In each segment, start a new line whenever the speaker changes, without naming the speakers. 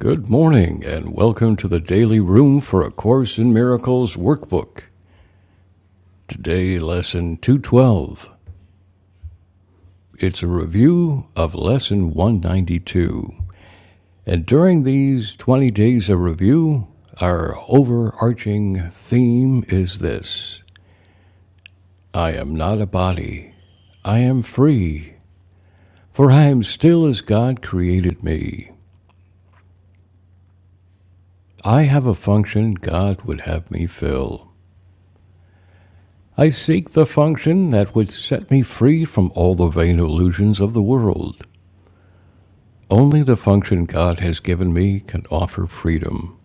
Good morning, and welcome to the Daily Room for A Course in Miracles workbook. Today, Lesson 212. It's a review of Lesson 192. And during these 20 days of review, our overarching theme is this I am not a body, I am free, for I am still as God created me. I have a function God would have me fill. I seek the function that would set me free from all the vain illusions of the world. Only the function God has given me can offer freedom.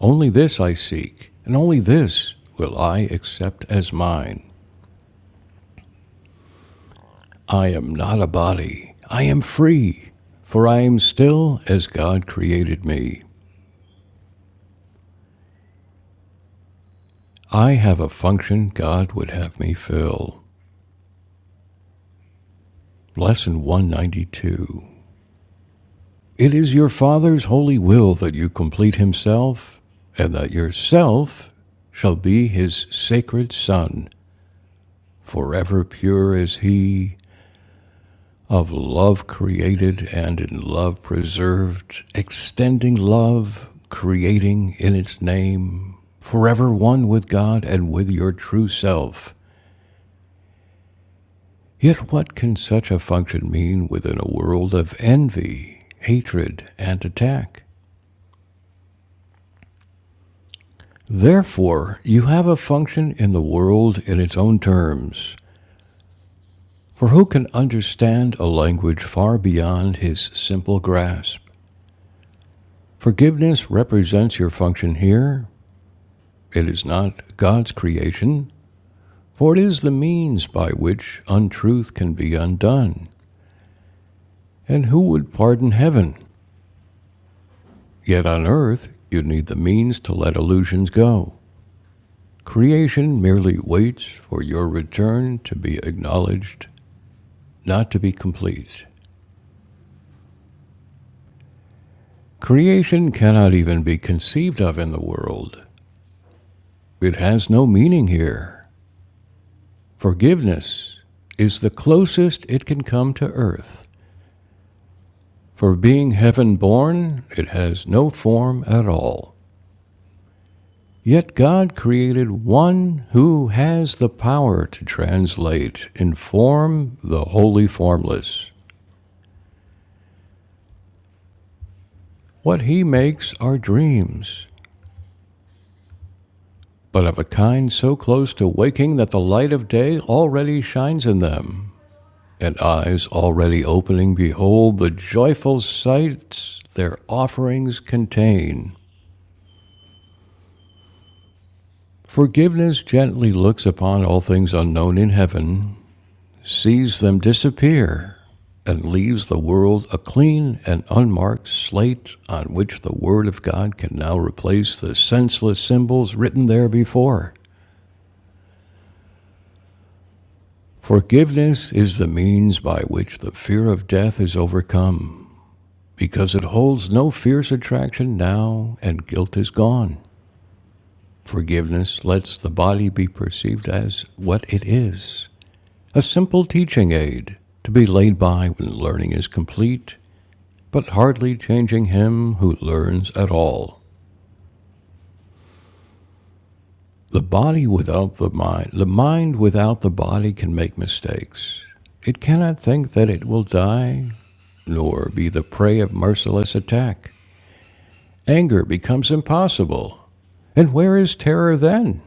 Only this I seek, and only this will I accept as mine. I am not a body. I am free, for I am still as God created me. I have a function God would have me fill. Lesson 192. It is your Father's holy will that you complete himself, and that yourself shall be his sacred Son, forever pure as he, of love created and in love preserved, extending love, creating in its name, forever one with God and with your true self. Yet what can such a function mean within a world of envy, hatred, and attack? Therefore, you have a function in the world in its own terms. For who can understand a language far beyond his simple grasp? Forgiveness represents your function here. It is not God's creation, for it is the means by which untruth can be undone. And who would pardon heaven? Yet on earth, you need the means to let illusions go. Creation merely waits for your return to be acknowledged, not to be complete. Creation cannot even be conceived of in the world. It has no meaning here. Forgiveness is the closest it can come to earth, for being heaven born, it has no form at all. Yet God created one who has the power to translate in form the wholly formless. What he makes are dreams, but of a kind so close to waking that the light of day already shines in them. and eyes already opening behold the joyful sights their offerings contain. Forgiveness gently looks upon all things unknown in heaven, sees them disappear, and leaves the world a clean and unmarked slate on which the Word of God can now replace the senseless symbols written there before. Forgiveness is the means by which the fear of death is overcome. because it holds no fierce attraction now, and guilt is gone. Forgiveness lets the body be perceived as what it is a simple teaching aid to be laid by when learning is complete, but hardly changing him who learns at all. The body without the mind, the mind without the body can make mistakes. It cannot think that it will die, nor be the prey of merciless attack. Anger becomes impossible. And where is terror then?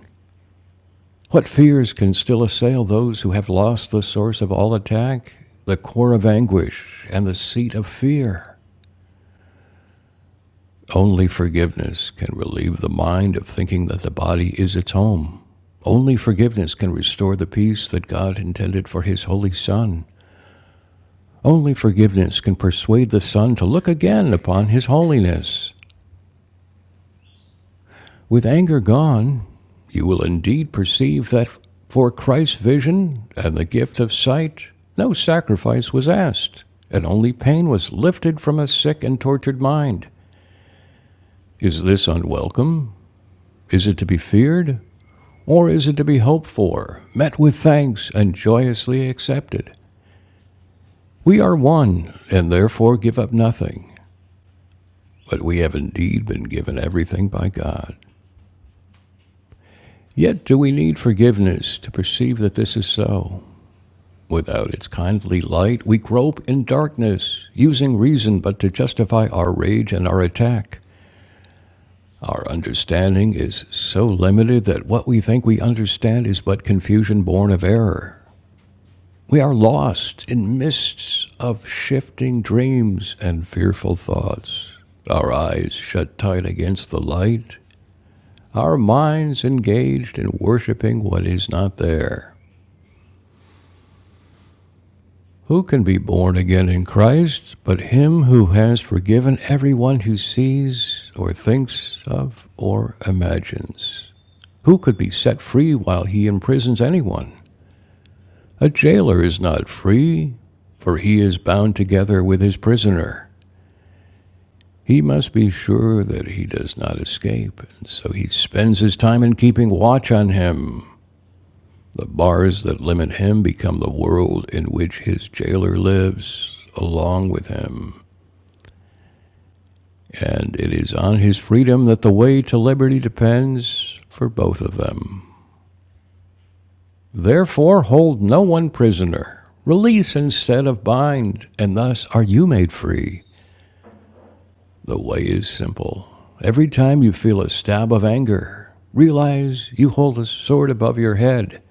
What fears can still assail those who have lost the source of all attack, the core of anguish, and the seat of fear? Only forgiveness can relieve the mind of thinking that the body is its home. Only forgiveness can restore the peace that God intended for His Holy Son. Only forgiveness can persuade the Son to look again upon His holiness With anger gone, you will indeed perceive that for Christ's vision and the gift of sight, no sacrifice was asked, and only pain was lifted from a sick and tortured mind. Is this unwelcome? Is it to be feared? Or is it to be hoped for, met with thanks, and joyously accepted? We are one, and therefore give up nothing, but we have indeed been given everything by God. Yet do we need forgiveness to perceive that this is so. Without its kindly light, we grope in darkness, using reason but to justify our rage and our attack. Our understanding is so limited that what we think we understand is but confusion born of error. We are lost in mists of shifting dreams and fearful thoughts. Our eyes shut tight against the light, our minds engaged in worshiping what is not there. Who can be born again in Christ but him who has forgiven everyone who sees or thinks of or imagines? Who could be set free while he imprisons anyone? A jailer is not free, for he is bound together with his prisoner. He must be sure that he does not escape, and so he spends his time in keeping watch on him. The bars that limit him become the world in which his jailer lives along with him. and it is on his freedom that the way to liberty depends for both of them. Therefore, hold no one prisoner. Release instead of bind, and thus are you made free. The way is simple. Every time you feel a stab of anger, realize you hold a sword above your head,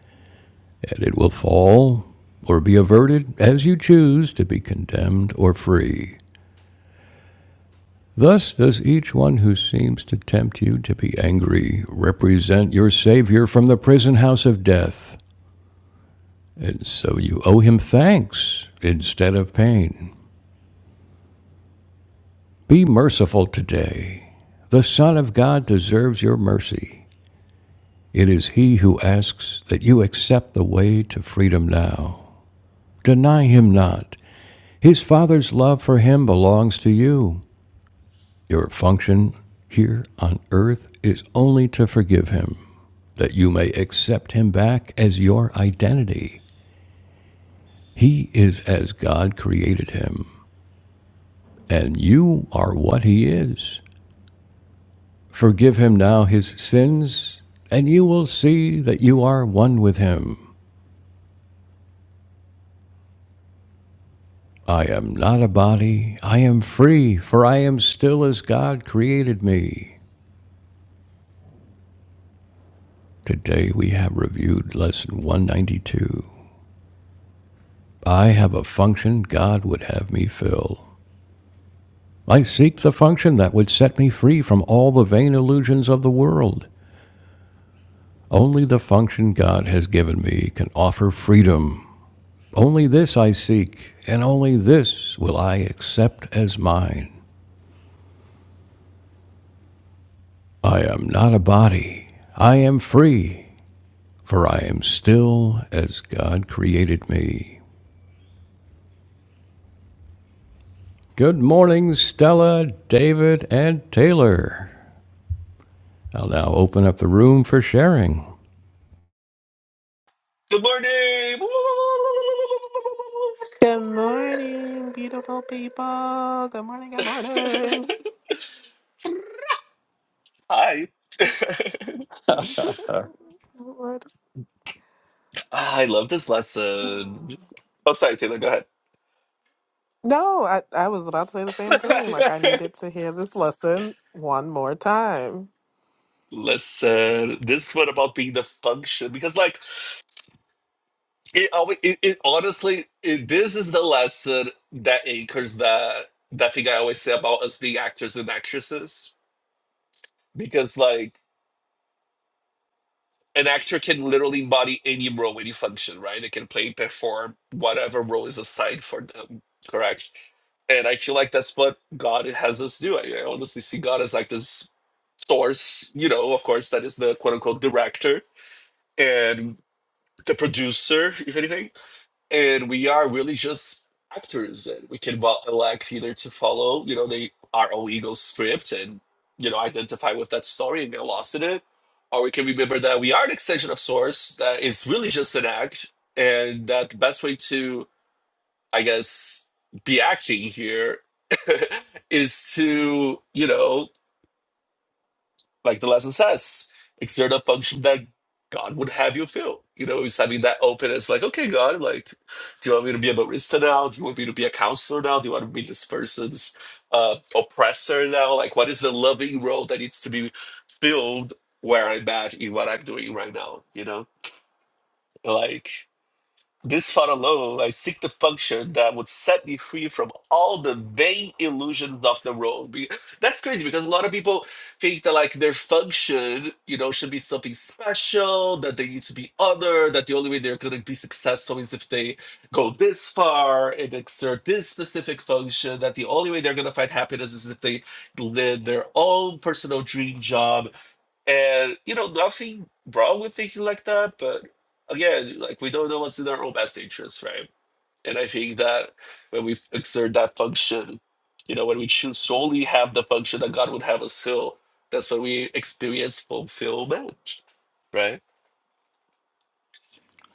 and it will fall or be averted as you choose to be condemned or free. Thus does each one who seems to tempt you to be angry represent your Savior from the prison house of death, and so you owe him thanks instead of pain. Be merciful today. The Son of God deserves your mercy. It is He who asks that you accept the way to freedom now. Deny Him not. His Father's love for Him belongs to you. Your function here on earth is only to forgive him, that you may accept him back as your identity. He is as God created him, and you are what he is. Forgive him now his sins, and you will see that you are one with him. I am not a body, I am free, for I am still as God created me. Today we have reviewed lesson 192. I have a function God would have me fill. I seek the function that would set me free from all the vain illusions of the world. Only the function God has given me can offer freedom. Only this I seek, and only this will I accept as mine. I am not a body. I am free, for I am still as God created me. Good morning, Stella, David, and Taylor. I'll now open up the room for sharing.
Good morning.
Good morning, beautiful people. Good morning, good morning.
Hi.
Lord.
I love this lesson. Oh, sorry, Taylor. Go ahead.
No, I, I was about to say the same thing. Like, I needed to hear this lesson one more time.
Listen, this one about being the function because, like, it always, it, it honestly, it, this is the lesson that anchors that that thing I always say about us being actors and actresses because, like. an actor can literally embody any role, any function, right? They can play, perform whatever role is assigned for them, correct? And I feel like that's what God has us do. I, I honestly see God as like this source, you know, of course, that is the quote unquote director and the producer, if anything and we are really just actors and we can bo- elect either to follow you know the our own ego script and you know identify with that story and get lost in it or we can remember that we are an extension of source that it's really just an act and that the best way to i guess be acting here is to you know like the lesson says, exert a function that God would have you feel. You know, it's having that openness, like, okay, God, like, do you want me to be a barista now? Do you want me to be a counselor now? Do you want me to be this person's uh, oppressor now? Like, what is the loving role that needs to be filled where I'm at in what I'm doing right now? You know, like. This far alone, I seek the function that would set me free from all the vain illusions of the world. Be- That's crazy because a lot of people think that like their function, you know, should be something special, that they need to be other, that the only way they're gonna be successful is if they go this far and exert this specific function, that the only way they're gonna find happiness is if they live their own personal dream job and you know, nothing wrong with thinking like that, but again, like we don't know what's in our own best interest, right? And I think that when we exert that function, you know, when we choose solely have the function that God would have us fill, that's when we experience fulfillment, right?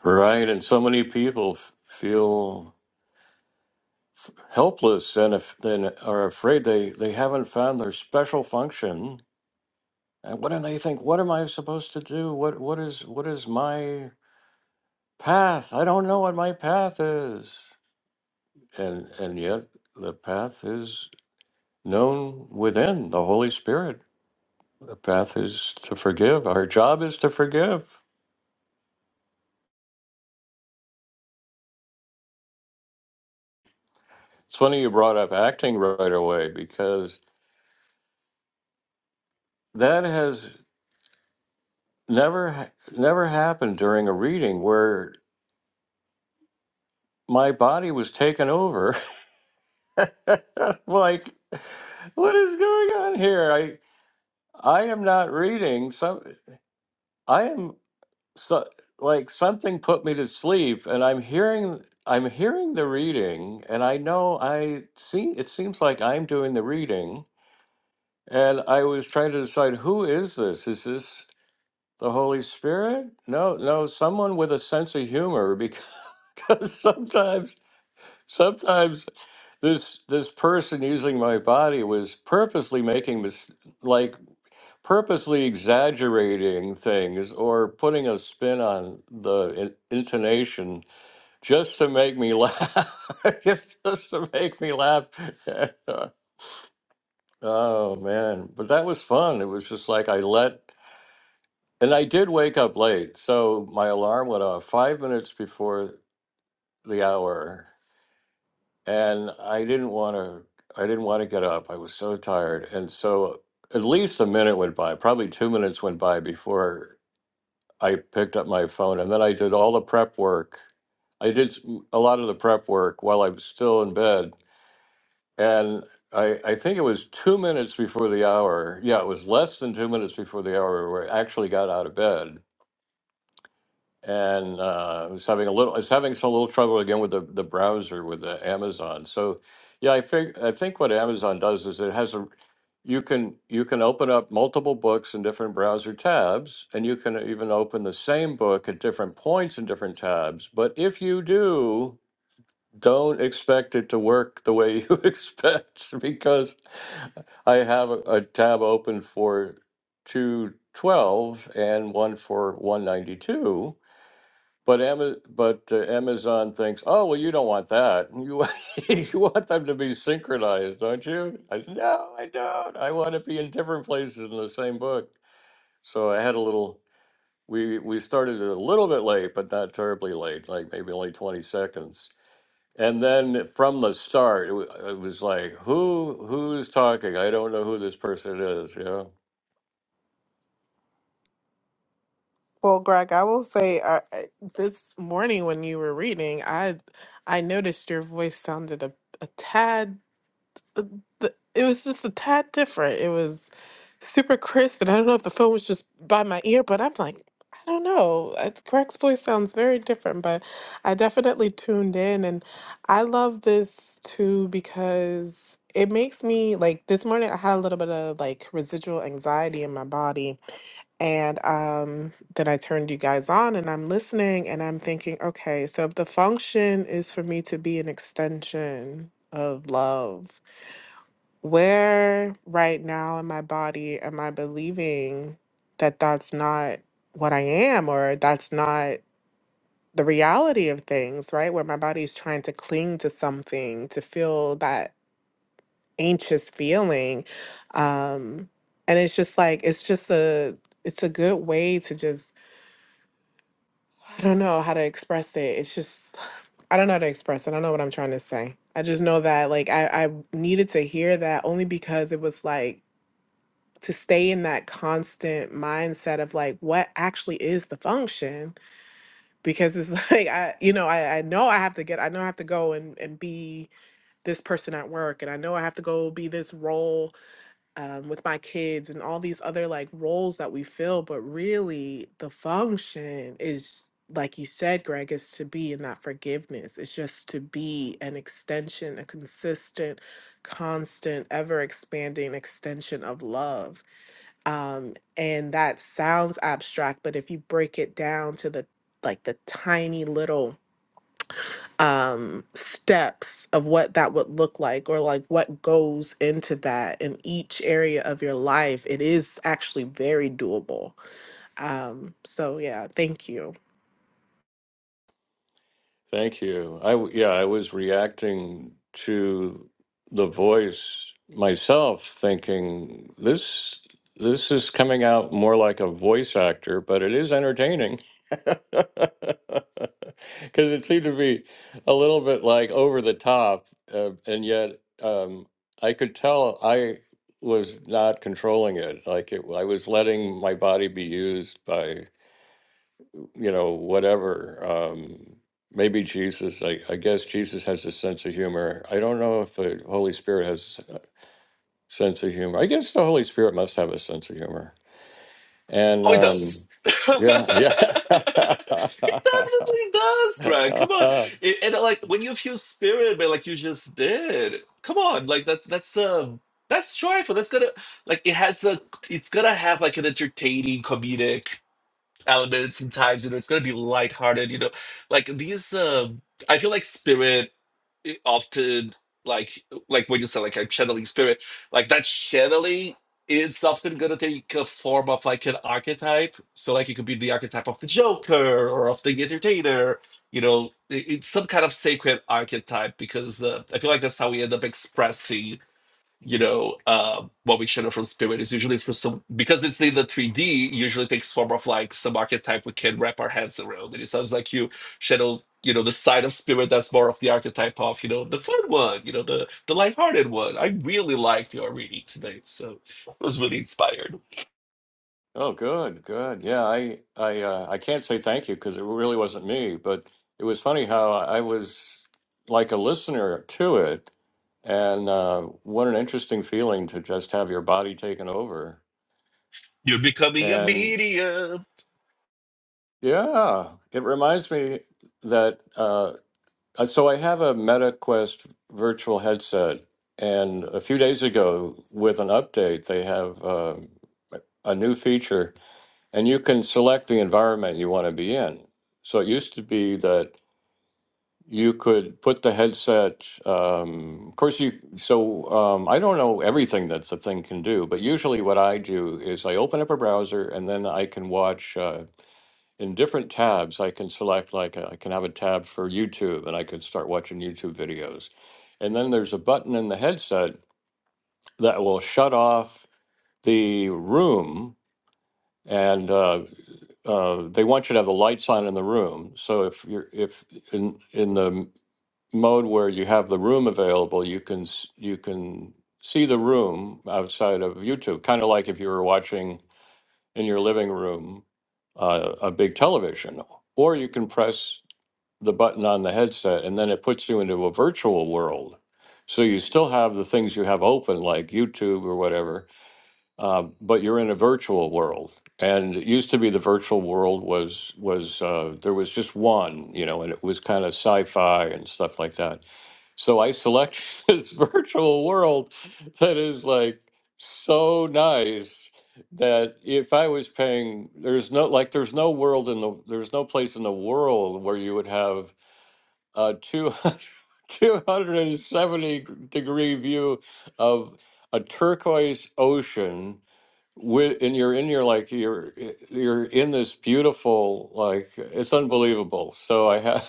Right, and so many people f- feel helpless and if then are afraid they they haven't found their special function. And what do they think? What am I supposed to do? What what is what is my path? I don't know what my path is. And and yet the path is known within the Holy Spirit. The path is to forgive. Our job is to forgive. It's funny you brought up acting right away because that has never ha- never happened during a reading where my body was taken over like what is going on here i i am not reading some i am so like i'm reading and i know i see it seems like i'm doing the reading and trying to decide who is this is this the holy spirit no no someone with a sense of humor because sometimes sometimes this this person using my body was purposely making mis- like purposely exaggerating things or putting a spin on the in- intonation just to make me laugh just to make me laugh oh man but that was fun it was just like i let and i did wake up late so my alarm went off 5 minutes before the hour and I didn't want to. I didn't want to get up. I was so tired, and so at least a minute went by. Probably two minutes went by before I picked up my phone, and then I did all the prep work. I did s- a lot of the prep work while I was still in bed, and I, I think it was two minutes before the hour. Yeah, it was less than two minutes before the hour where I actually got out of bed and uh, I was having a little, I was having some little trouble again with the, the browser with the Amazon. So, yeah, I think I think what Amazon does is it has a, you can you can open up multiple books in different browser tabs, and you can even open the same book at different points in different tabs. But if you do, don't expect it to work the way you expect because I have a, a tab open for two twelve and one for one ninety two but Ama- but uh, Amazon thinks, oh well, you don't want that. You want- you want them to be synchronized, don't you? I said, no, I don't. I want to be in different places in the same book. So I had a little. We we started a little bit late, but not terribly late, like maybe only twenty seconds. And then from the start, it, wa- it was like, who who's talking? I don't know who this person is. You know.
Well, Greg, I will say uh, uh, this morning when you were reading, I I noticed your voice sounded a, a tad th- th- it was just a tad different. It was super crisp, and I don't know if the phone was just by my ear, but I'm like, I don't know. Uh, Greg's voice sounds very different, but I definitely tuned in, and I love this too because it makes me like this morning I had a little bit of like residual anxiety in my body, and um, then I turned you guys on, and I'm listening, and I'm thinking, okay, so if the function is for me to be an extension of love where right now in my body am I believing that that's not what I am or that's not the reality of things, right? Where my body's trying to cling to something, to feel that anxious feeling. Um, and it's just like, it's just a, it's a good way to just, I don't know how to express it. It's just, I don't know how to express it. I don't know what I'm trying to say. I just know that like I, I needed to hear that only because it was like to stay in that constant mindset of like what actually is the function because it's like i you know i, I know i have to get i know i have to go and, and be this person at work and i know i have to go be this role um, with my kids and all these other like roles that we fill but really the function is like you said greg is to be in that forgiveness it's just to be an extension a consistent constant ever expanding extension of love um and that sounds abstract but if you break it down to the like the tiny little um steps of what that would look like or like what goes into that in each area of your life it is actually very doable um so yeah thank you
Thank you. I w- yeah, I was reacting to the voice myself, thinking this this is coming out more like a voice actor, but it is entertaining because it seemed to be a little bit like over the top, uh, and yet um, I could tell I was not controlling it. Like it, I was letting my body be used you know, whatever. Um, maybe Jesus, I, I guess Jesus has a sense of humor. I don't know if the Holy Spirit has a sense of humor. I guess the Holy Spirit must have a sense of humor. And
Oh, it
um,
does. it definitely
yeah, yeah.
does, Greg. Come on, it, and like when you feel spirit, man, like you just did. Come on, like that's that's um that's joyful. That's gonna like it has a it's gonna have like an entertaining comedic element sometimes. You know, it's gonna be lighthearted. You know, like these. um I feel like spirit i- often like like when you say like I'm channeling spirit, like that channeling is often gonna take a form of like an archetype. So like it could be the archetype of the Joker or of the entertainer. You know, i- it's some kind of sacred archetype because uh, I feel like that's how we end up expressing you know uh, what we shadow from spirit is usually for some because it's in the 3d usually takes form of like some archetype we can wrap our heads around and it sounds like you shadow you know the side of spirit that's more of the archetype of you know the fun one you know the the lighthearted one i really liked your reading today so I was really inspired
oh, good, good. Yeah, I, I, uh, I can't say thank you because it really wasn't me, but it was funny how I was like a listener to it. And uh, what an interesting feeling to just have your body taken over
you're becoming a
And
medium
yeah, it reminds me that uh, uh, so I have a MetaQuest virtual headset, and a few days ago with an update, they have uh, a new feature, and you can select the environment you want to be in. So it used to be that you could put the headset. Um, of course, you. So um, I don't know everything that the thing can do, but usually what I do is I open up a browser, and then I can watch. Uh, in different tabs i can select like uh, i can have a tab for youtube and i could start watching youtube videos and then there's a button in the headset that will shut off the room and uh, uh, they want you to have the lights on in the room so if you're if in in the m- mode where you have the room available you can s- you can see the room outside of youtube kind of like if you were watching in your living room uh, a big television or you can press the button on the headset and then it puts you into a virtual world so you still have the things you have open like youtube or whatever uh, but you're in a virtual world and it used to be the virtual world was was uh, there was just one you know and it was kind of sci-fi and stuff like that so i selected this virtual world that is like so nice that if I was paying, there's no like, there's no world in the, there's no place in the world where you would have a 200, 270 degree view of a turquoise ocean with and you're in your like you're you're in this beautiful like it's unbelievable so i have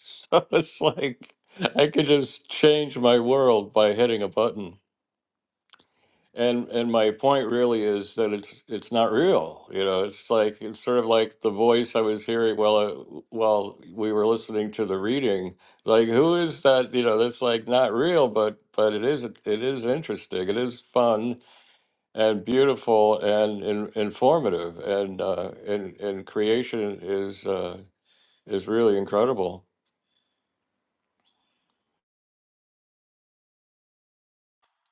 so it's like i could just change my world by hitting a button and and my point really is that it's it's not real. You know, it's like it's sort of like the voice I was hearing while I, while we were listening to the reading. Like, who is that? You know, that's like not real, but but it is it is interesting. It is fun and beautiful and, in, informative. And uh, and and creation is uh, is really incredible.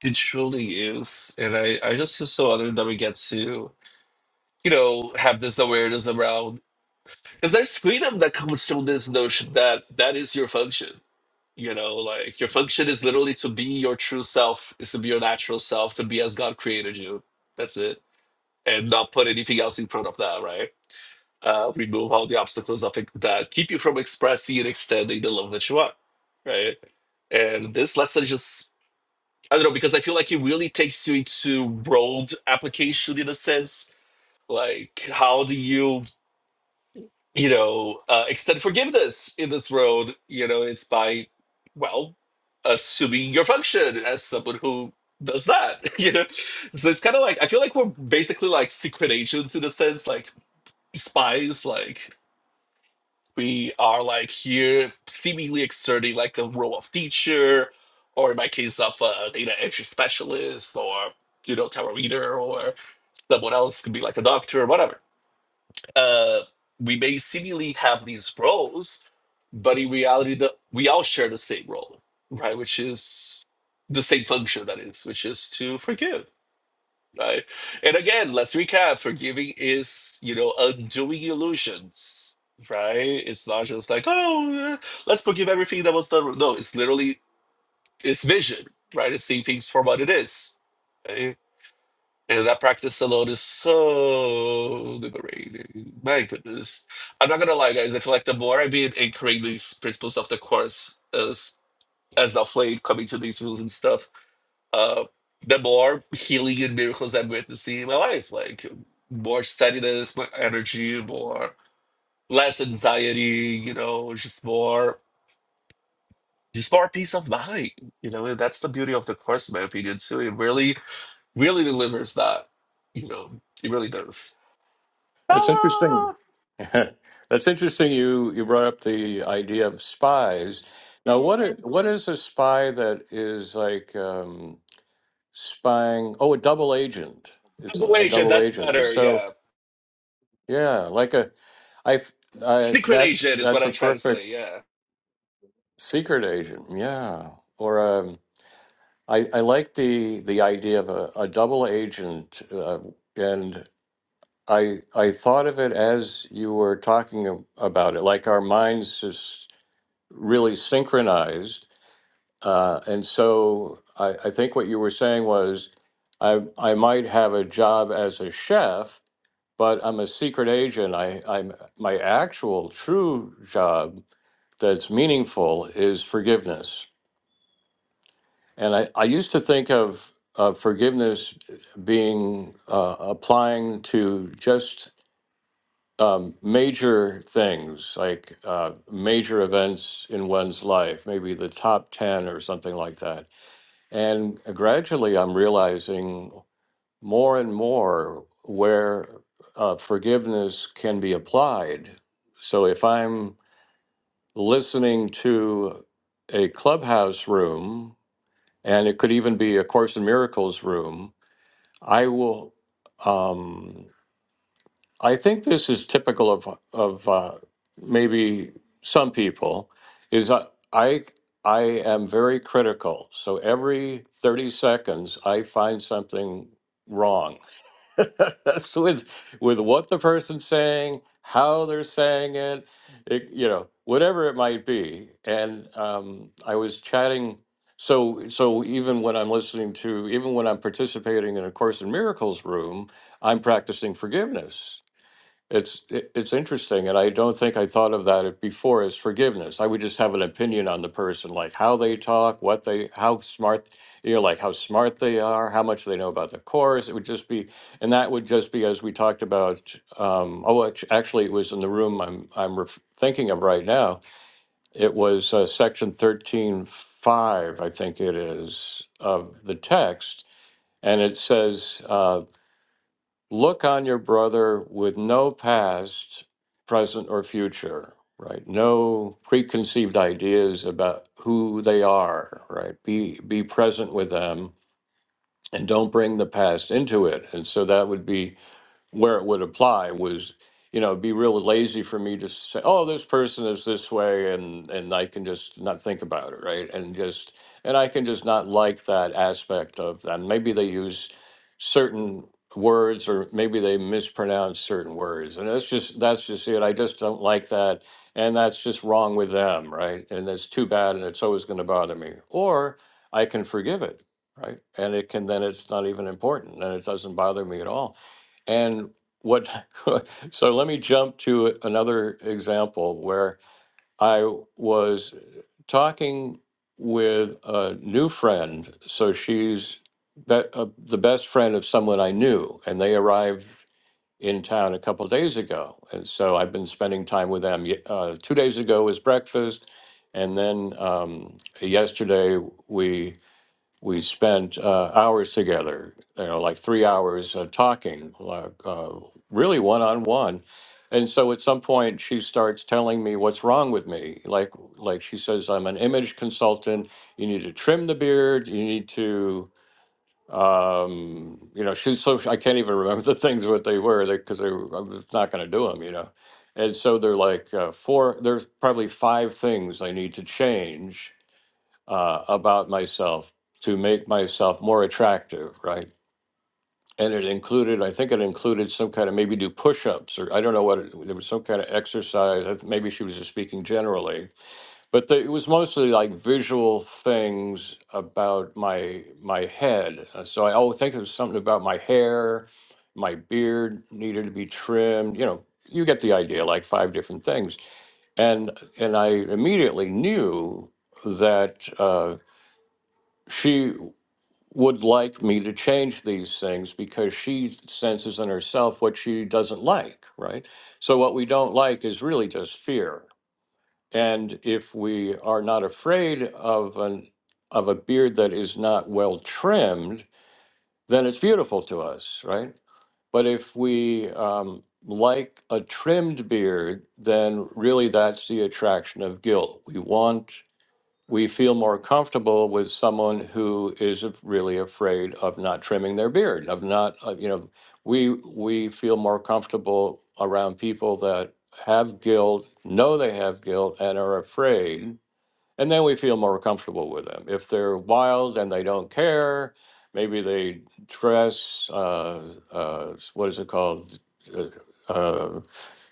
it truly is and i i just feel so honored that we get to you know have this awareness around because there's freedom that comes from this notion that that is your function you know like your function is literally to be your true self is to be your natural self to be as god created you that's it and not put anything else in front of that right uh, remove all the obstacles of it that keep you from expressing and extending the love that you are right and this lesson just i don't know because i feel like it really takes you into world application in a sense like how do you you know, uh, extend forgiveness in this world, you know, it's by, well, assuming your function as someone who does that, you know? So it's kind of like, I feel like we're basically like secret agents in a sense, like spies, like we are like here seemingly exerting like the role of teacher, or in my case, of a data entry specialist, or, you know, tarot reader, or someone else could be like a doctor or whatever uh, we may seemingly have these roles, but in reality, the, we all share the same role, right? Which is the same function, that is, which is to forgive, right? And again, let's recap forgiving is, you know, undoing illusions, right? It's not just like, oh, eh, let's forgive everything that was done. No, it's literally, it's vision, right? It's seeing things for what it is. right? And that practice alone is so liberating. My goodness. I'm not gonna lie, guys. I feel like the more I've been anchoring these principles of the course as as of late, coming to these rules and stuff, uh, the more healing and miracles I'm witnessing in my life. Like more steadiness, more energy, more less anxiety, you know, just more just more peace of mind. You know, and that's the beauty of the course, in my opinion, too. It really, really delivers that, you know, it really does.
That's interesting.
Hello!
That's interesting. You you brought up the idea of spies. Now, what i- what is a spy that is like um, spying? Oh, a double agent. It's a
Double
a
agent,
double
that's
agent, and
better,
so
yeah.
yeah, like a I, f- I-
Secret
that's
agent is what
that's
I
a
try to
perfect
say, yeah.
secret agent. Yeah, or um, I I like the the idea of a, a double agent, uh, and I I thought of it as you were talking ab- about it, like our minds just really synchronized. Uh, and so I, I think what you were saying was, I I might have a job as a chef, but I'm a secret agent. I I'm my actual true job that's meaningful is forgiveness. And I, I used to think of uh, forgiveness being uh, applying to just um, major things like uh, major events in one's life, maybe the top 10 or something like that. And gradually, I'm realizing more and more where uh, forgiveness can be applied. So if I'm listening to a clubhouse room, and it could even be a Course in Miracles room, I will. Um, I think this is typical of of uh, maybe some people. Is I, I I am very critical, so every thirty seconds I find something wrong That's with with what the person's saying, how they're saying it, it you know, whatever it might be. And um, I was chatting. So, so even when I'm listening to, even when I'm participating in a Course in Miracles room, I'm practicing forgiveness it's it- it's interesting, and I don't think I thought of that before as forgiveness. I would just have an opinion on the person, like how they talk, what they, how smart, you know, like how smart they are, how much they know about the course. It would just be, and that would just be as we talked about. Um, oh, act- actually, it was in the room I'm I'm ref thinking of right now. It was uh, section thirteen five, I think it is, of the text, and it says. Uh, Look on your brother with no past, present, or future, right? No preconceived ideas about who they are, right? Be be present with them and don't bring the past into it. And so that would be where it would apply was you know it'd be really lazy for me to say oh this person is this way and and i can just not think about it right and just and i can just not like that aspect of them maybe they use certain words or maybe they mispronounce certain words and that's just that's just it i just don't like that and that's just wrong with them right and it's too bad and it's always going to bother me or i can forgive it right and it can then it's not even important and it doesn't bother me at all and what, so let me jump to another example where I was talking with a new friend. So she's be, uh, the best friend of someone I knew, and they arrived in town a couple days ago. And so I've been spending time with them. Ye- Uh, two days ago was breakfast, and then um, yesterday we we spent uh, hours together, you know, like three hours uh, talking, like, uh, really one on one. And so at some point, she starts telling me what's wrong with me. Like, like she says, I'm an image consultant. You need to trim the beard. You need to, um, you know, she's so I can't even remember the things what they were because they, 'cause they were- I was not going to do them, you know. And so they're like uh, four. There's probably five things I need to change uh, about myself to make myself more attractive, right? And it included, I think it included some kind of maybe do push ups or I don't know what it, there was some kind of exercise. I th- Maybe she was just speaking generally, but the, it was mostly like visual things about my my head. Uh, So I always think it was something about my hair, my beard needed to be trimmed. You know, you get the idea, like five different things and and I immediately knew that. Uh, she would like me to change these things because she senses in herself what she doesn't like, right? So, what we don't like is really just fear. And if we are not afraid of an of a beard that is not well trimmed, then it's beautiful to us, right? But if we um, like a trimmed beard, then really that's the attraction of guilt. We want we feel more comfortable with someone who is af- really afraid of not trimming their beard of not uh, you know we we feel more comfortable around people that have guilt know they have guilt and are afraid and then we feel more comfortable with them if they're wild and they don't care maybe they dress uh, uh, what is it called Uh, uh,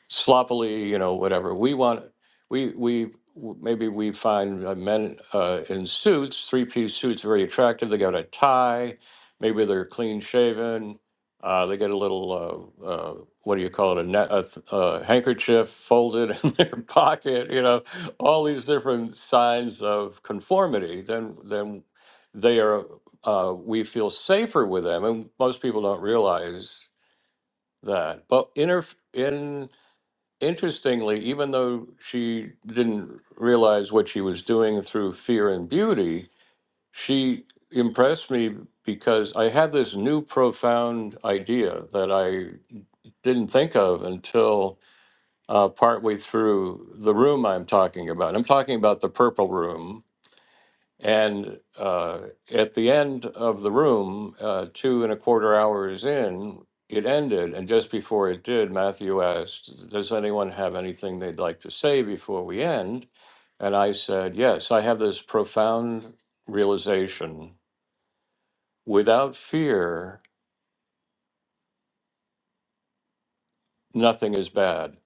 sloppily, you know, whatever. We want we we maybe we find uh, men uh, in suits, three piece suits, very attractive. They got a tie, maybe they're clean shaven. Uh, they get a little uh, uh, what do you call it a, net, a, th- a handkerchief folded in their pocket. You know, all these different signs of conformity. Then then they are. Uh, we feel safer with them, and most people don't realize that. But inner in interestingly, even though she didn't realize what she was doing through fear and beauty, she impressed me because I had this new profound idea that I didn't think of until uh, partway through the room I'm talking about. I'm talking about the purple room and uh, at the end of the room, uh, two and a quarter hours in, it ended. And just before it did, Matthew asked, Does anyone have anything they'd like to say before we end? And I said, Yes, I have this profound realization. Without fear, nothing is bad.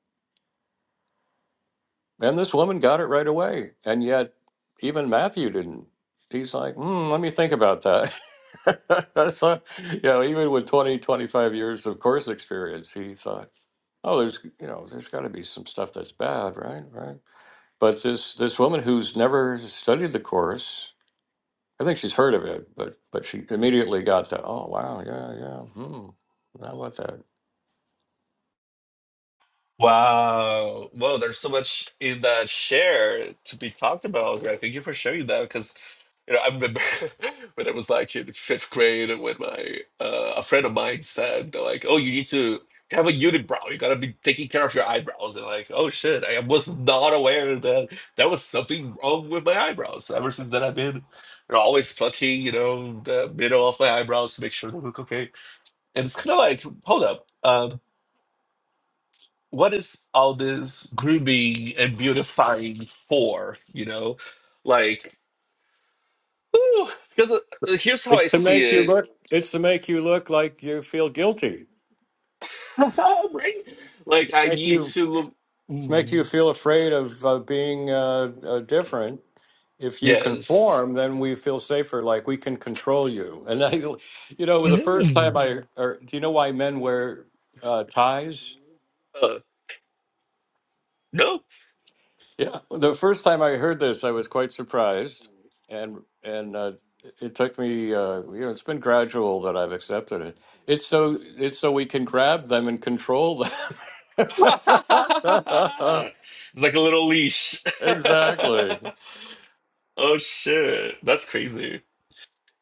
And this woman got it right away. And yet, even Matthew didn't. He's like, hmm, let me think about that. so, you know, even with 20, 25 years of course experience, he thought, oh, there's, you know, there's got to be some stuff that's bad, right? Right. But this, this woman who's never studied the course, I think she's heard of it, but, but she immediately got that, oh, wow, yeah, yeah, hmm, how about that?
Wow. Whoa, there's so much in that share to be talked about, Greg. Thank you for sharing that because you know I remember when I was like in fifth grade and when my uh, a friend of mine said they're like, "Oh, you need to have a unibrow. You gotta be taking care of your eyebrows." And like, oh shit, I was not aware that there was something wrong with my eyebrows. So ever since then, I've been you know, always plucking, you know, the middle of my eyebrows to make sure they look okay. And it's kind of like, hold up. Um, what is all this grooming and beautifying for? You know, like, ooh, because uh, here's how I
It's,
see it,
it's to make you look like you feel guilty.
right? Like,
It's
I
make
need
you
to look.
to make you
Mm,
feel afraid of uh, being uh, uh, different. If you
yes.
conform, then we feel safer, like we can control you. And I, you know, the first time
Mm,
I, or do you know why men wear uh, ties?
uh, no.
Yeah, the first time I heard this, I was quite surprised, and and uh, it took me, uh, you know, it's been gradual that I've accepted it. It's so it's so we can grab them and control them.
like a little leash.
exactly.
oh shit, that's crazy.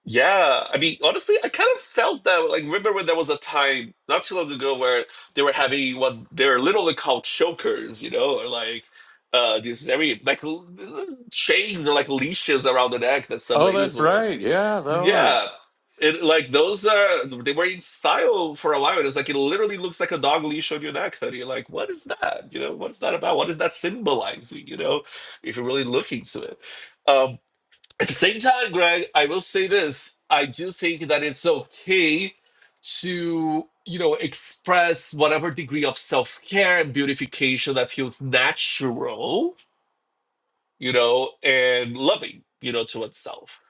Yeah, I mean, honestly, I kind of felt that. Like, remember when there was a time not too long ago where they were having what they're literally called chokers, you know, or like uh these very like l- chains or like leashes around the neck that some
Oh,
ladies
that's
wore.
right. Yeah, that
Yeah,
was.
it like those are they were in style for a while. and It's like it literally looks like a dog leash on your neck, honey. Like, what is that? You know, what is that about? What is that symbolizing? You know, if you're really looking to it. Um, at the same time, Greg, I will say this. I do think that it's okay to, you know, express whatever degree of self care and beautification that feels natural you know, and loving, you know, to itself,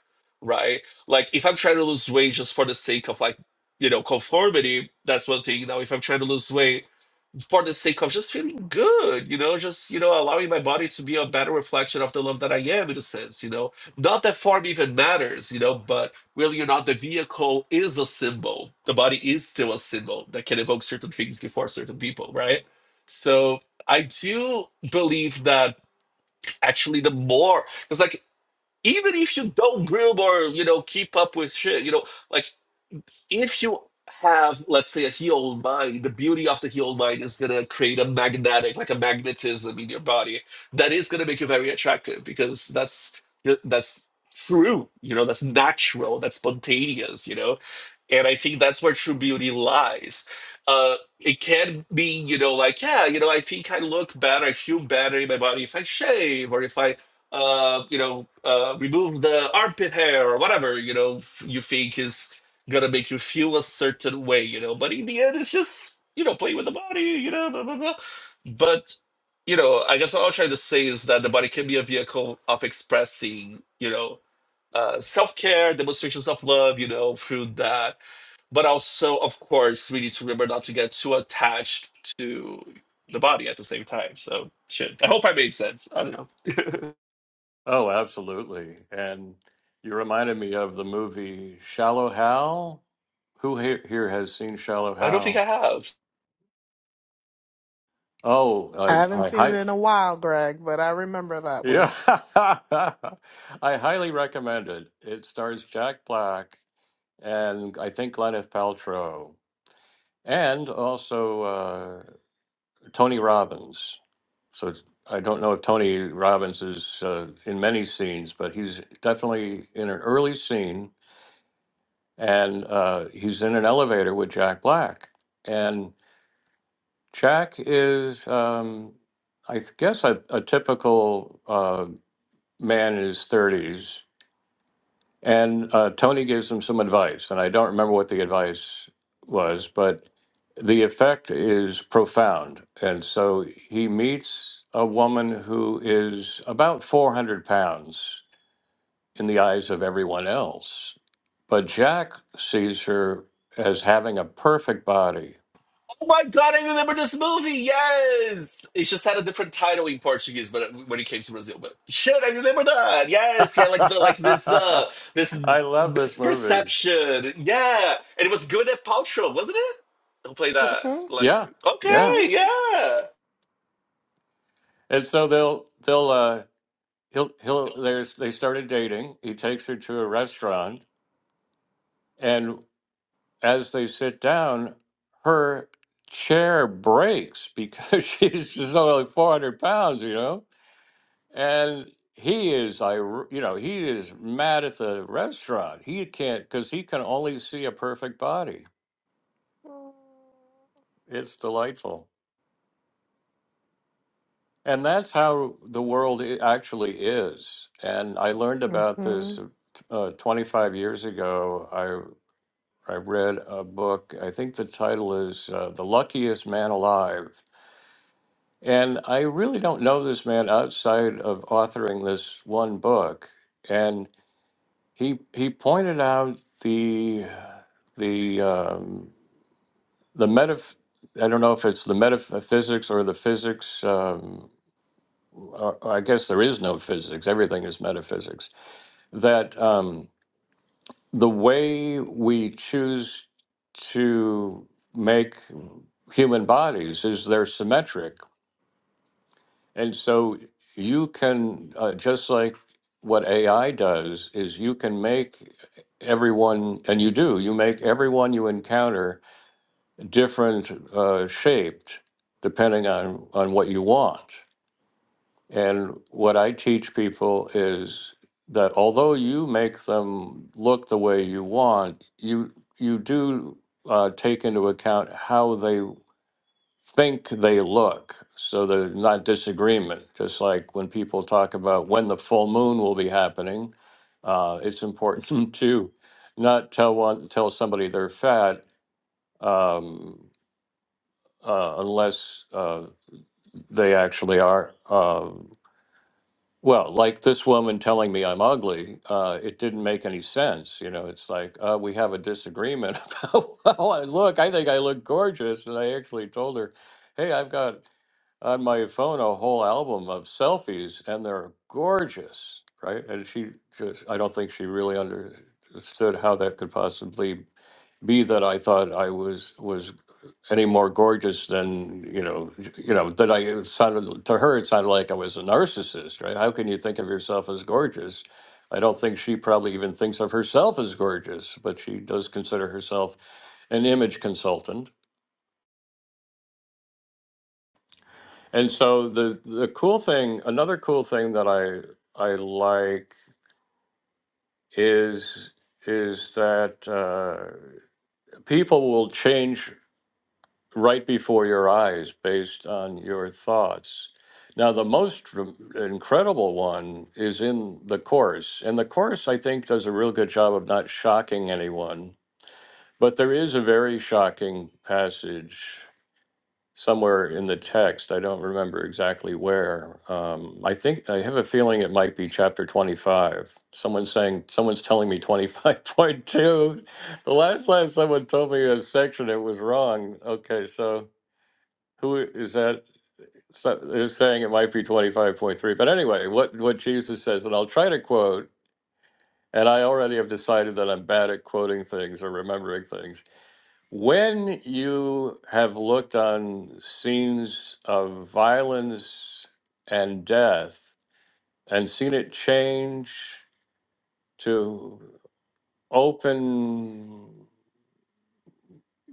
right? Like if I'm trying to lose weight just for the sake of like, you know, conformity, that's one thing. Now, if I'm trying to lose weight for the sake of just feeling good, you know, just, you know, allowing my body to be a better reflection of the love that I am in a sense, you know, not that form even matters, you know, but really or not, the vehicle is the symbol. The body is still a symbol that can evoke certain things before certain people, right? So I do believe that actually the more because like even if you don't grill or you know keep up with shit you know like if you have let's say a healed mind the beauty of the healed mind is going to create a magnetic like a magnetism in your body that is going to make you very attractive because that's that's true you know that's natural that's spontaneous you know and i think that's where true beauty lies uh it can be you know like yeah you know i think i look better i feel better in my body if i shave or if i uh you know uh remove the armpit hair or whatever you know you think is gonna make you feel a certain way, you know. But in the end, it's just you know play with the body, you know, blah blah blah. But you know, I guess what I was trying to say is that the body can be a vehicle of expressing, you know, uh, self care, demonstrations of love, you know, through that. But also, of course, we need to remember not to get too attached to the body at the same time. So shit. I hope I made sense. I don't know.
Oh, absolutely. And you reminded me of the movie Shallow Hal. Who here, here has seen Shallow
I don't think
Hal?
I have.
Oh,
I
I,
haven't
I,
seen it
hi,
in a while, Greg, but I remember that one.
yeah, I highly recommend it. It stars Jack Black and I think Gwyneth Paltrow, and also uh, Tony Robbins. So I don't know if Tony Robbins is uh, in many scenes, but he's definitely in an early scene, and uh, he's in an elevator with Jack Black, and Jack is, um, I th- guess, a, a typical uh, man in his thirties, And uh, Tony gives him some advice, and I don't remember what the advice was, but the effect is profound. And so he meets a woman who is about 400 pounds in the eyes of everyone else. But Jack sees her as having a perfect body.
Oh my god, I remember this movie. Yes, it just had a different title in Portuguese, but uh, when it came to Brazil, but shit, I remember that. Yes, yeah, like the like this
I
uh this
love this movie.
misperception. Yeah, and it was good at Paltrow, wasn't it? Who played that?
hmm
Like,
Yeah, yeah.
okay, yeah.
And so they'll they'll uh he'll he'll there's they started dating. He takes her to a restaurant And as they sit down, her chair breaks because she's just only 400 pounds, you know? And he is, I, you know, he is mad at the restaurant. He can't, because he can only see a perfect body.
hmm
It's delightful. And that's how the world i- actually is. And I learned about
hmm
this uh, 25 years ago. I, I read a book, I think the title is uh, The Luckiest Man Alive And I really don't know this man outside of authoring this one book. And he he pointed out the the um, the metaph- I don't know if it's the metaphysics or the physics. Um, or, or I guess there is no physics. Everything is metaphysics. That um, the way we choose to make human bodies is they're symmetric And so you can, uh, just like what AI does, is you can make everyone, and you do, you make everyone you encounter different uh, shaped depending on, on what you want. And what I teach people is that although you make them look the way you want, you you do uh, take into account how they think they look. So there's not disagreement. Just like when people talk about when the full moon will be happening, uh, it's important to not tell one tell somebody they're fat um, uh, unless uh, they actually are. Uh, well, like this woman telling me I'm ugly, uh, it didn't make any sense. You know, it's like uh, we have a disagreement about how I look. I think I look gorgeous, and I actually told her, "Hey, I've got on my phone a whole album of selfies, and they're gorgeous, right? And she just, I don't think she really understood how that could possibly be that I thought I was was any more gorgeous than you know, j- you know that I it sounded to her it sounded like I was a narcissist, right? How can you think of yourself as gorgeous? I don't think she probably even thinks of herself as gorgeous, but she does consider herself an image consultant And so the the cool thing, another cool thing that I I like is is that uh, people will change right before your eyes based on your thoughts. Now the most r- incredible one is in the course, and the course I think does a real good job of not shocking anyone. But there is a very shocking passage somewhere in the text. I don't remember exactly where. Um, I think I have a feeling it might be chapter 25. Someone's saying, someone's telling me 25.2. The last time someone told me a section, it was wrong. Okay, so who is that? So they saying it might be 25.3. But anyway, what, what Jesus says, and I'll try to quote, and I already have decided that I'm bad at quoting things or remembering things. When you have looked on scenes of violence and death and seen it change to open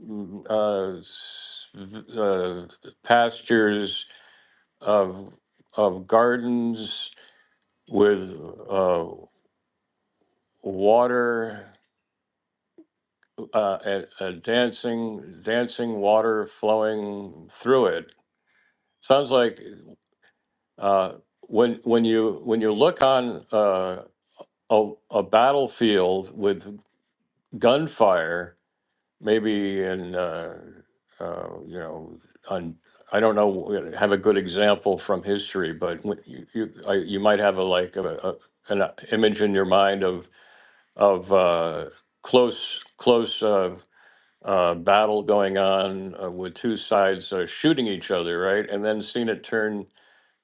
mm, uh, s- v- uh, pastures of of gardens with uh, water uh, and, uh, dancing dancing water flowing through it, sounds like Uh, when when you when you look on uh, a a battlefield with gunfire, maybe in uh, uh, you know on I don't know have a good example from history, but when you you, I, you might have a like a, a, an image in your mind of of uh, close close. Uh, uh, battle going on uh, with two sides uh, shooting each other, right? And then seen it turn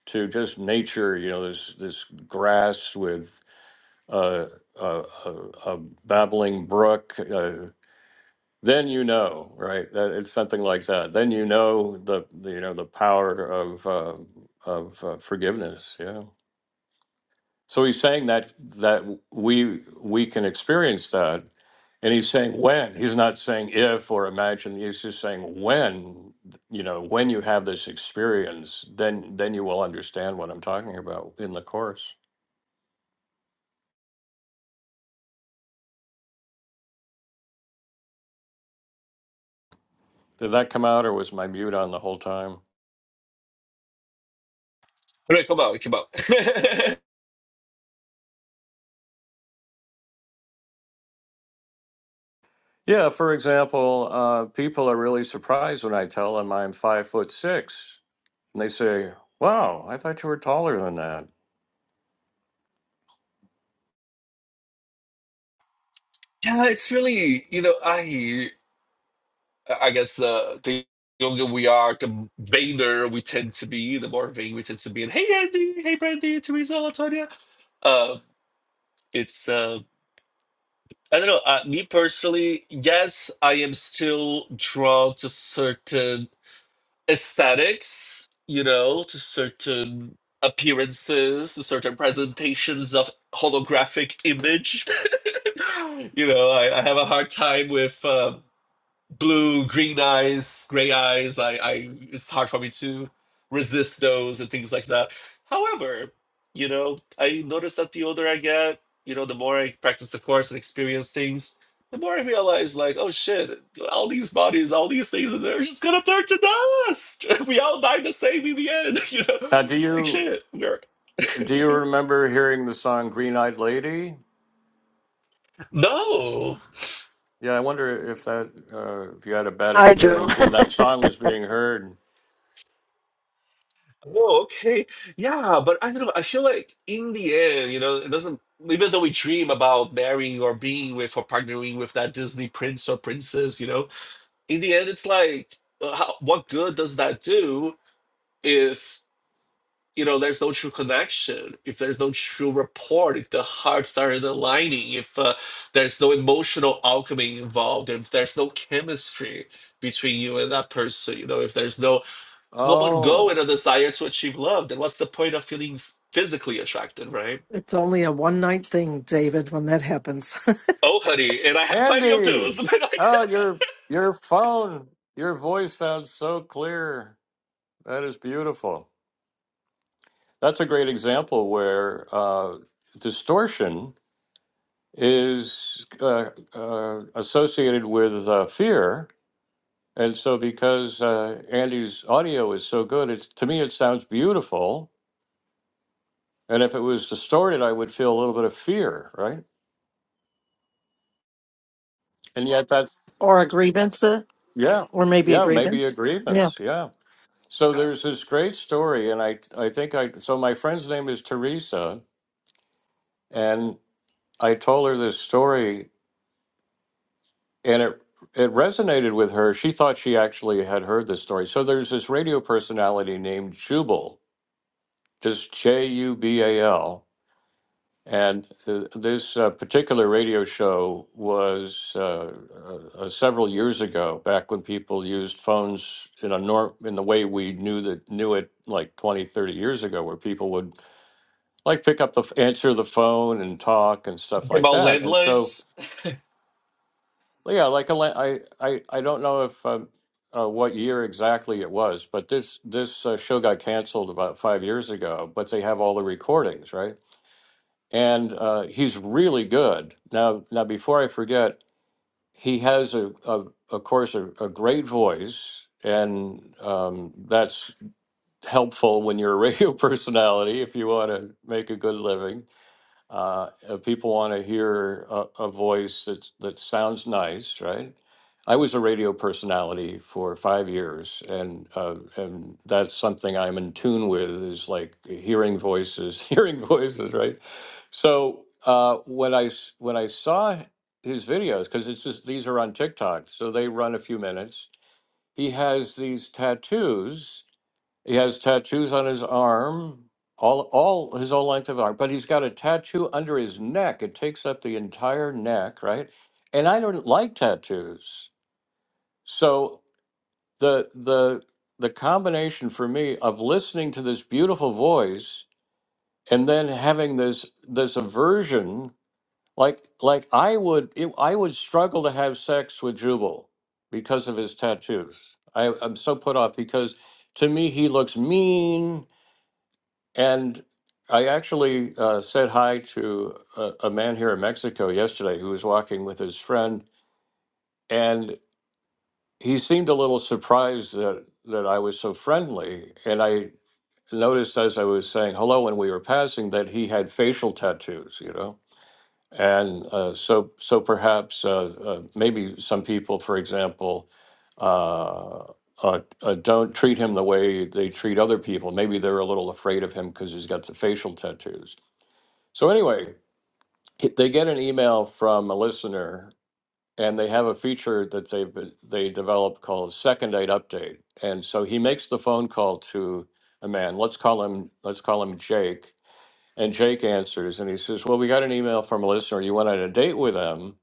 to just nature. You know, this this grass with uh, a, a, a babbling brook. Uh, then you know, right? That it's something like that. Then you know the, the you know the power of uh, of uh, forgiveness. Yeah. So he's saying that that we we can experience that, and he's saying when. He's not saying if or imagine. He's just saying when. You know, when you have this experience, then then you will understand what I'm talking about in the course. Did that come out, or was my mute on the whole time?
Right, come out, come out. yeah,
Yeah. For example, uh, people are really surprised when I tell them I'm five foot six, and they say, "Wow, I thought you were taller than that."
it's really you know I I guess uh the younger we are, the vainer we tend to be, the more vain we tend to be. And hey, Andy, hey, Brandy, Teresa, Latonia Uh, it's uh i don't know uh, me personally yes i am still drawn to certain aesthetics you know to certain appearances to certain presentations of holographic image you know I, I have a hard time with uh, blue, green eyes, gray eyes. I, I, it's hard for me to resist those and things like that. However, you know, I notice that the older I get, you know, the more I practice the course and experience things, the more I realize, like, oh shit, all these bodies, all these things, and they're just gonna turn to dust. We all die the same in the end, you know?
Now, do
Like
you
shit, we're
do you remember hearing the song "Green Eyed Lady"?
no.
Yeah, I wonder if that uh, if you had a bad
I do.
experience when that song was being heard.
Oh, okay. Yeah, but I don't know. I feel like in the end, you know, it doesn't, even though we dream about marrying or being with or partnering with that Disney prince or princess, you know, in the end, it's like, uh, how, what good does that do if, you know, there's no true connection, if there's no true rapport, if the hearts aren't aligning, if uh, there's no emotional alchemy involved, if there's no chemistry between you and that person, you know, if there's no come and go
Oh,
in a desire to achieve love, then what's the point of feeling s- physically attracted, right?
It's only a one night thing, David, when that happens.
Oh, honey, and I have plenty of
Andy!
those.
Oh, your your phone, your voice sounds so clear. That is beautiful. That's a great example where uh, distortion is uh, uh, associated with uh, fear, and so because uh, Andy's audio is so good, it's to me it sounds beautiful. And if it was distorted, I would feel a little bit of fear, right? And yet that's
or a grievance, uh,
yeah,
or maybe a
yeah, maybe a
grievance. Yeah.
grievance. Yeah. So there's this great story and I I think I so my friend's name is Teresa and I told her this story and it it resonated with her. She thought she actually had heard this story. So there's this radio personality named Jubal, just J U B A L. And uh, this uh, particular radio show was uh, uh, several years ago, back when people used phones in a norm in the way we knew that knew it like 20, 30 years ago, where people would like pick up the f- answer the phone and talk and stuff like
About
that. And so,
landlines.
yeah, like a la- I, I, I don't know if um, uh, what year exactly it was, but this this uh, show got canceled about five years ago. But they have all the recordings, right? and uh, he's really good. Now, now before I forget, he has a, a of course a, a great voice, and um, that's helpful when you're a radio personality if you want to make a good living. Uh, uh, people want to hear a, a voice that that sounds nice, right? I was a radio personality for five years, and uh, and that's something I'm in tune with is like hearing voices, hearing voices, right? So uh, when I s- when I saw his videos, because it's just these are on TikTok, so they run a few minutes. He has these tattoos he has tattoos on his arm, all all his whole length of arm, but he's got a tattoo under his neck. It takes up the entire neck, right? And I don't like tattoos. So the the the combination for me of listening to this beautiful voice and then having this this aversion like like I would it, I would struggle to have sex with Jubal because of his tattoos. I, I'm so put off because to me he looks mean And I actually uh, said hi to a, a man here in Mexico yesterday who was walking with his friend, and he seemed a little surprised that that I was so friendly. And I noticed as I was saying hello when we were passing that he had facial tattoos, you know. And uh, so, so perhaps uh, uh, maybe some people, for example, uh, uh, uh, don't treat him the way they treat other people. Maybe they're a little afraid of him because he's got the facial tattoos. So anyway, they get an email from a listener, and they have a feature that they have they developed called Second Date Update. And so he makes the phone call to a man. Let's call him. Let's call him Jake. And Jake answers, and he says, "Well, we got an email from a listener. You went on a date with him,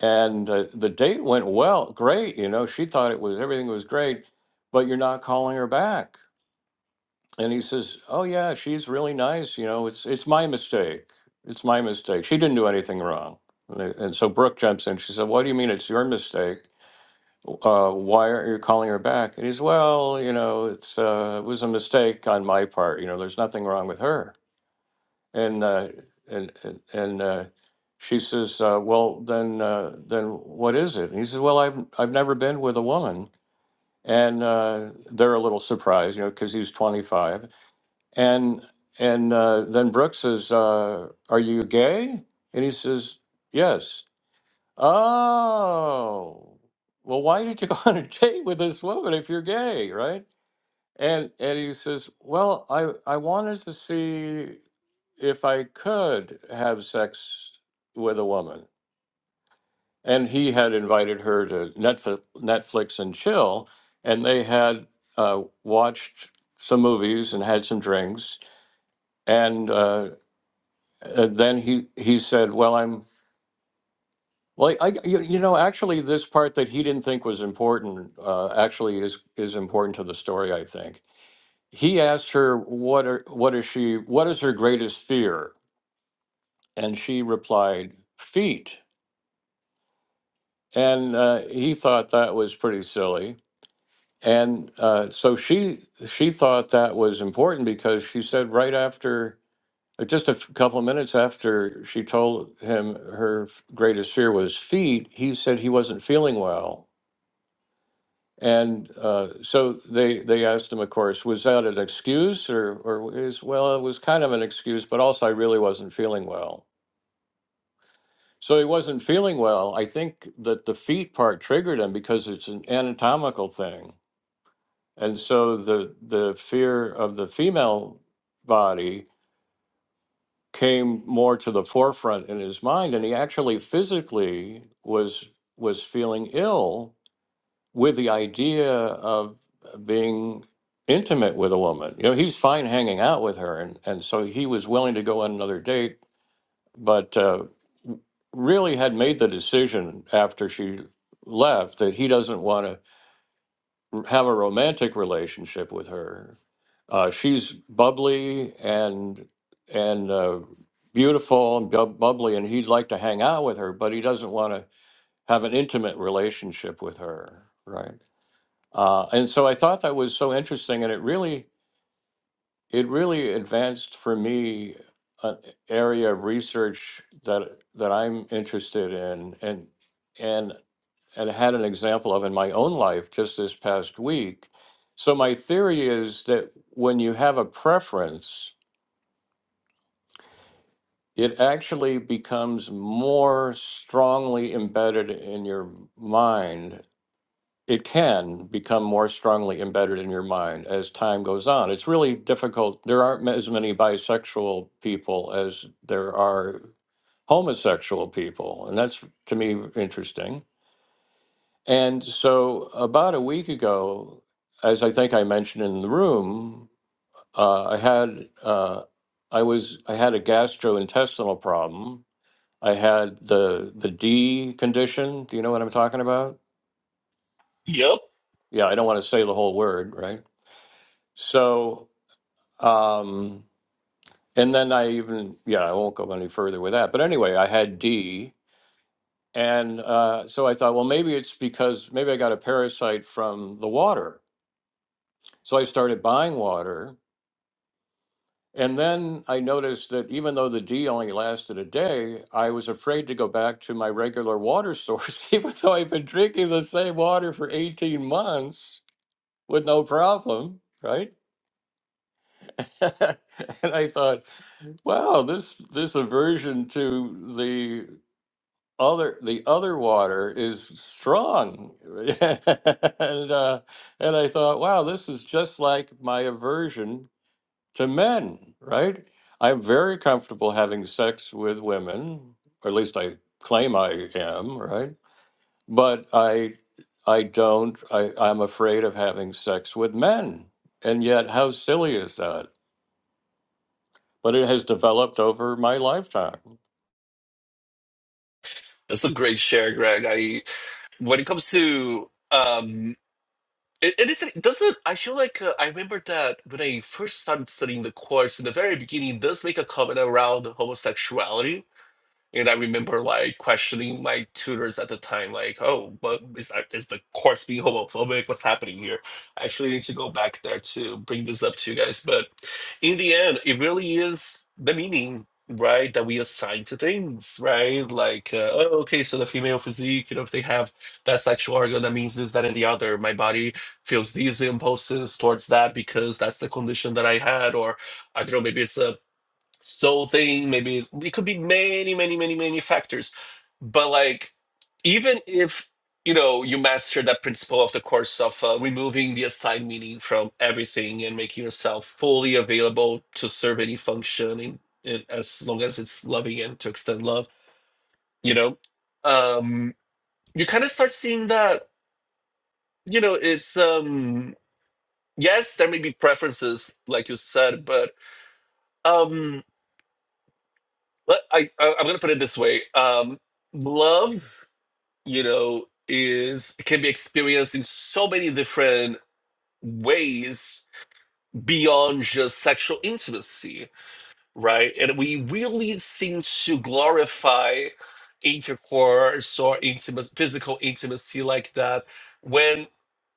and uh, the date went well, great. You know, she thought it was everything was great, but you're not calling her back." and he says, "Oh yeah, she's really nice. You know, it's it's my mistake. It's my mistake. She didn't do anything wrong." And, they- and so Brooke jumps in. She said, "What do you mean it's your mistake? Uh, why aren't you calling her back?" And he's, "Well, you know, it's uh, it was a mistake on my part. You know, there's nothing wrong with her." And uh, and and and, uh, she says, uh, "Well, then uh, then what is it?" And he says, "Well, I've I've never been with a woman." And uh, they're a little surprised, you know, because he's 25 and and uh, then Brooks says, uh, "Are you gay?" And he says, "Yes." Oh, well, why did you go on a date with this woman if you're gay, right? And and he says, "Well, I I wanted to see if I could have sex with a woman." And he had invited her to Netflix, Netflix and chill, and they had uh, watched some movies and had some drinks, and. Uh, And then he he said, "Well, I'm like I you, you know actually this part that he didn't think was important uh, actually is is important to the story. I think he asked her what are what is she what is her greatest fear, and she replied feet, and uh, he thought that was pretty silly." And uh, so she she thought that was important because she said right after Uh, Just a f- couple of minutes after she told him her f- greatest fear was feet, he said he wasn't feeling well. And uh, so they they asked him, of course, was that an excuse or or is well, it was kind of an excuse, but also I really wasn't feeling well. So he wasn't feeling well. I think that the feet part triggered him because it's an anatomical thing, and so the the fear of the female body came more to the forefront in his mind and he actually physically was was feeling ill with the idea of being intimate with a woman you know he's fine hanging out with her and, and so he was willing to go on another date but uh, really had made the decision after she left that he doesn't want to r- have a romantic relationship with her. Uh, she's bubbly and and uh, beautiful and bu- bubbly, and he'd like to hang out with her, but he doesn't want to have an intimate relationship with her, right? Uh, and so I thought that was so interesting, and it really it really advanced for me an area of research that that I'm interested in, and and and I had an example of in my own life just this past week. So, my theory is that when you have a preference, it actually becomes more strongly embedded in your mind. It can become more strongly embedded in your mind as time goes on. It's really difficult. There aren't as many bisexual people as there are homosexual people. And that's, to me, interesting And so, about a week ago, as I think I mentioned in the room, uh, I had uh, I was I had a gastrointestinal problem. I had the the D condition. Do you know what I'm talking about?
Yep,
Yeah, I don't want to say the whole word, right? So, um, and then I even yeah, I won't go any further with that. But anyway, I had D, and uh, so I thought, well, maybe it's because maybe I got a parasite from the water. So I started buying water And then I noticed that even though the D only lasted a day, I was afraid to go back to my regular water source, even though I've been drinking the same water for 18 months with no problem, right? and I thought, wow, this this aversion to the other the other water is strong. and uh, and I thought, wow, this is just like my aversion to men, right? I'm very comfortable having sex with women, or at least I claim I am, right? But I I don't I, I'm afraid of having sex with men. And yet how silly is that? But it has developed over my lifetime.
that's a great share, Greg. I when it comes to um, it, it isn't doesn't. I feel like uh, I remember that when I first started studying the course in the very beginning, it does make a comment around homosexuality And I remember like questioning my tutors at the time, like, "Oh, but is that, is the course being homophobic? What's happening here?" I actually need to go back there to bring this up to you guys. But in the end, it really is the meaning, right, that we assign to things, right? Like, uh, oh, okay, so the female physique, you know, if they have that sexual organ, that means this, that, and the other. My body feels these impulses towards that because that's the condition that I had, or I don't know, maybe it's a soul thing maybe it's- it could be many many many many factors but like even if you know you master that principle of the course of uh, removing the assigned meaning from everything and making yourself fully available to serve any function in, in, as long as it's loving and to extend love you know um you kind of start seeing that you know it's um yes there may be preferences like you said but um Let- I, I I'm gonna put it this way. Um, love, you know, is can be experienced in so many different ways beyond just sexual intimacy right? And we really seem to glorify intercourse or intimacy, physical intimacy like that when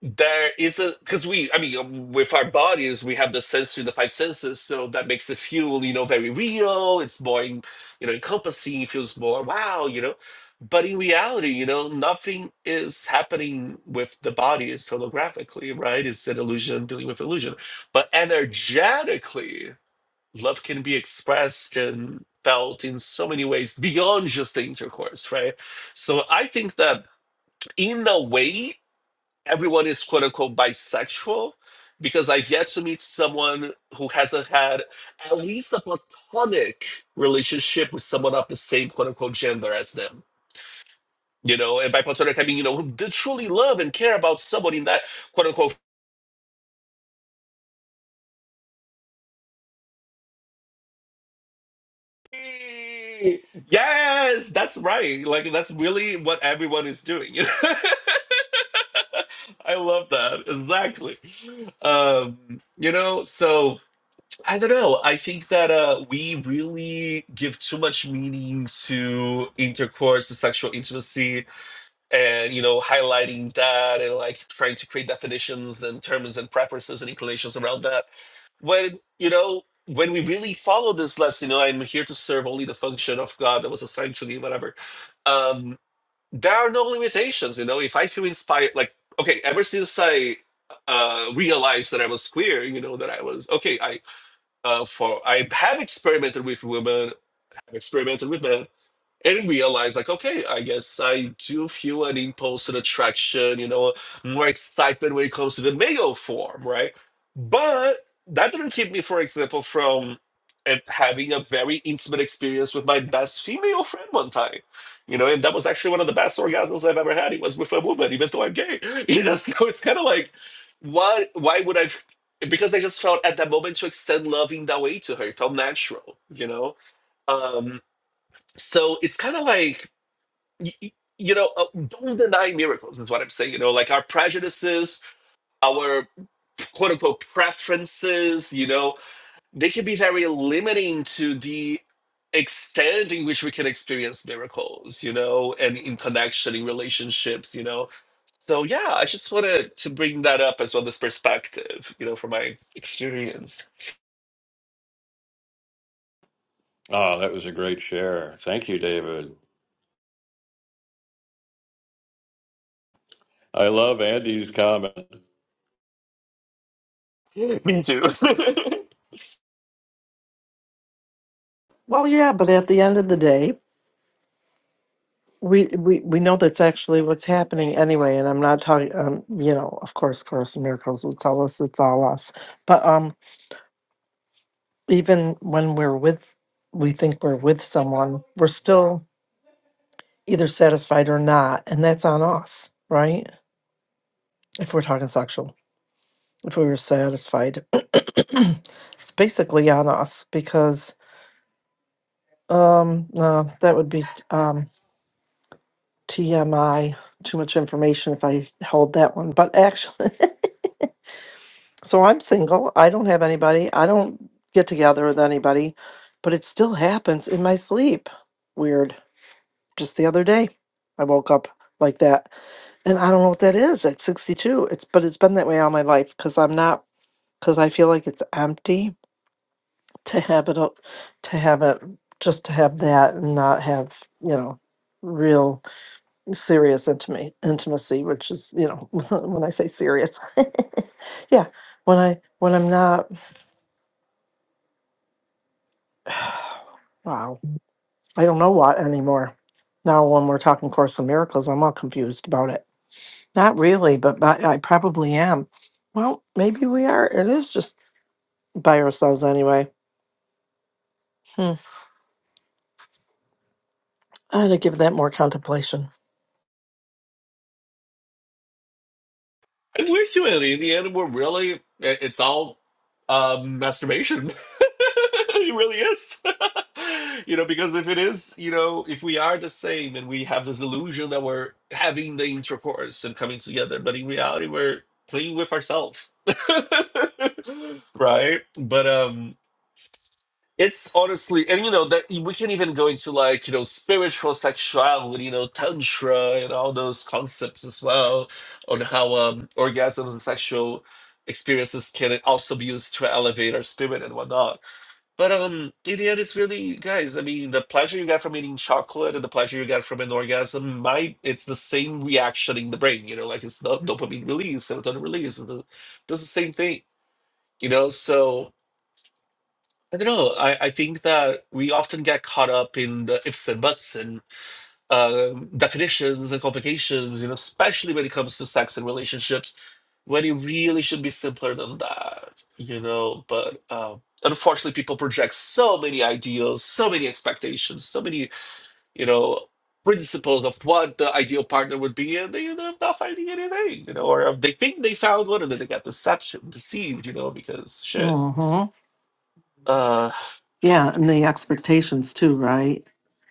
there is a because we i mean um, with our bodies we have the sensory the five senses so that makes the feel you know very real it's more en- you know encompassing it feels more wow you know but in reality you know nothing is happening with the body it's holographically right it's an illusion dealing with illusion but energetically love can be expressed and felt in so many ways beyond just the intercourse, right? So I think that in a way, everyone is quote unquote bisexual because I've yet to meet someone who hasn't had at least a platonic relationship with someone of the same quote unquote gender as them. You know, and by platonic I mean, you know, who did truly love and care about somebody in that quote unquote Yay! Yes, that's right. Like that's really what everyone is doing. you know? I love that. Exactly. Um, you know, so I don't know. I think that uh we really give too much meaning to intercourse, to sexual intimacy, and you know, highlighting that and like trying to create definitions and terms and preferences and inclinations around that when you know when we really follow this lesson you know i'm here to serve only the function of god that was assigned to me whatever um there are no limitations you know if i feel inspired like okay ever since i uh realized that i was queer you know that i was okay i uh for i have experimented with women have experimented with men and realize like okay i guess i do feel an impulse and attraction you know more excitement when it comes to the male form right but that didn't keep me for example from eh, having a very intimate experience with my best female friend one time you know and that was actually one of the best orgasms i've ever had it was with a woman even though i'm gay you know so it's kind of like why why would i because i just felt at that moment to extend love in that way to her it felt natural you know um so it's kind of like y- y- you know, uh, don't deny miracles is what I'm saying. You know, like our prejudices, our quote unquote preferences, you know, they can be very limiting to the extent in which we can experience miracles, you know, and in connection, in relationships, you know. So yeah, I just wanted to bring that up as well, this perspective, you know, from my experience.
Oh, that was a great share. Thank you, David. I love Andy's comment.
Me too.
Well, yeah, but at the end of the day, we, we, we know that's actually what's happening anyway. And I'm not talking, um, you know, of course, Course in Miracles will tell us it's all us. But um, even when we're with, we think we're with someone, we're still either satisfied or not. And that's on us, right? If we're talking sexual. if we were satisfied. it's basically on us because um no, that would be um TMI, too much information if I held that one. But actually so I'm single. I don't have anybody. I don't get together with anybody, but it still happens in my sleep. Weird. Just the other day, I woke up like that, and I don't know what that is at 62. It's but it's been that way all my life because I'm not because I feel like it's empty to have it o- to have it just to have that and not have you know real serious intimate intimacy which is you know when i say serious yeah when i when i'm not wow i don't know what anymore now when we're talking course in miracles i'm all confused about it not really but, but i probably am well maybe we are it is just by ourselves anyway hmm. i ought to give that more contemplation
I wish you had Indiana were really it- it's all um masturbation. it really is. you know, because if it is, you know, if we are the same and we have this illusion that we're having the intercourse and coming together, but in reality we're playing with ourselves. right? But um it's honestly, and you know that we can even go into like you know spiritual sexuality, you know tantra and all those concepts as well on how um, orgasms and sexual experiences can also be used to elevate our spirit and whatnot. But um, in the end, it's really guys. I mean, the pleasure you get from eating chocolate and the pleasure you get from an orgasm, might it's the same reaction in the brain. You know, like it's the dopamine release, serotonin release, it's the, does the same thing. You know, so I don't know. I, I think that we often get caught up in the ifs and buts and um definitions and complications, you know, especially when it comes to sex and relationships, when it really should be simpler than that, you know. But um, unfortunately, people project so many ideals, so many expectations, so many, you know, principles of what the ideal partner would be, and they end up not finding anything, you know, or um, they think they found one and then they get deception, deceived, you know, because shit.
hmm
Uh,
Yeah, and the expectations too, right?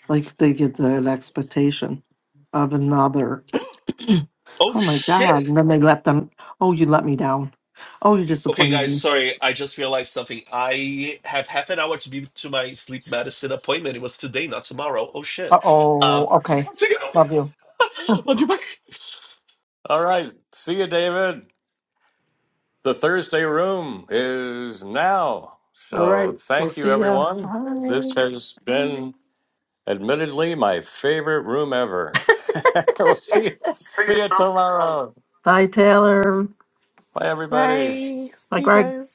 Like they get that expectation of another.
oh
Oh my
shit
God. And then they let them, oh, you let me down. Oh, you
Okay,
disappointed
guys,
me.
sorry. I just realized something. I have half an hour to be to my sleep medicine appointment. It was today, not tomorrow. Oh shit.
Uh oh.
Um, I
Okay.
have to
Love you.
go. Love you. Bye.
All right. See you, David. The Thursday room is now.
All right.
So
We'll
thank you,
see ya.
everyone. This
Bye.
has been admittedly my favorite room ever. we'll see, see you tomorrow.
Bye, Taylor.
Bye, everybody.
Bye.
Bye,
See you
Greg.
guys.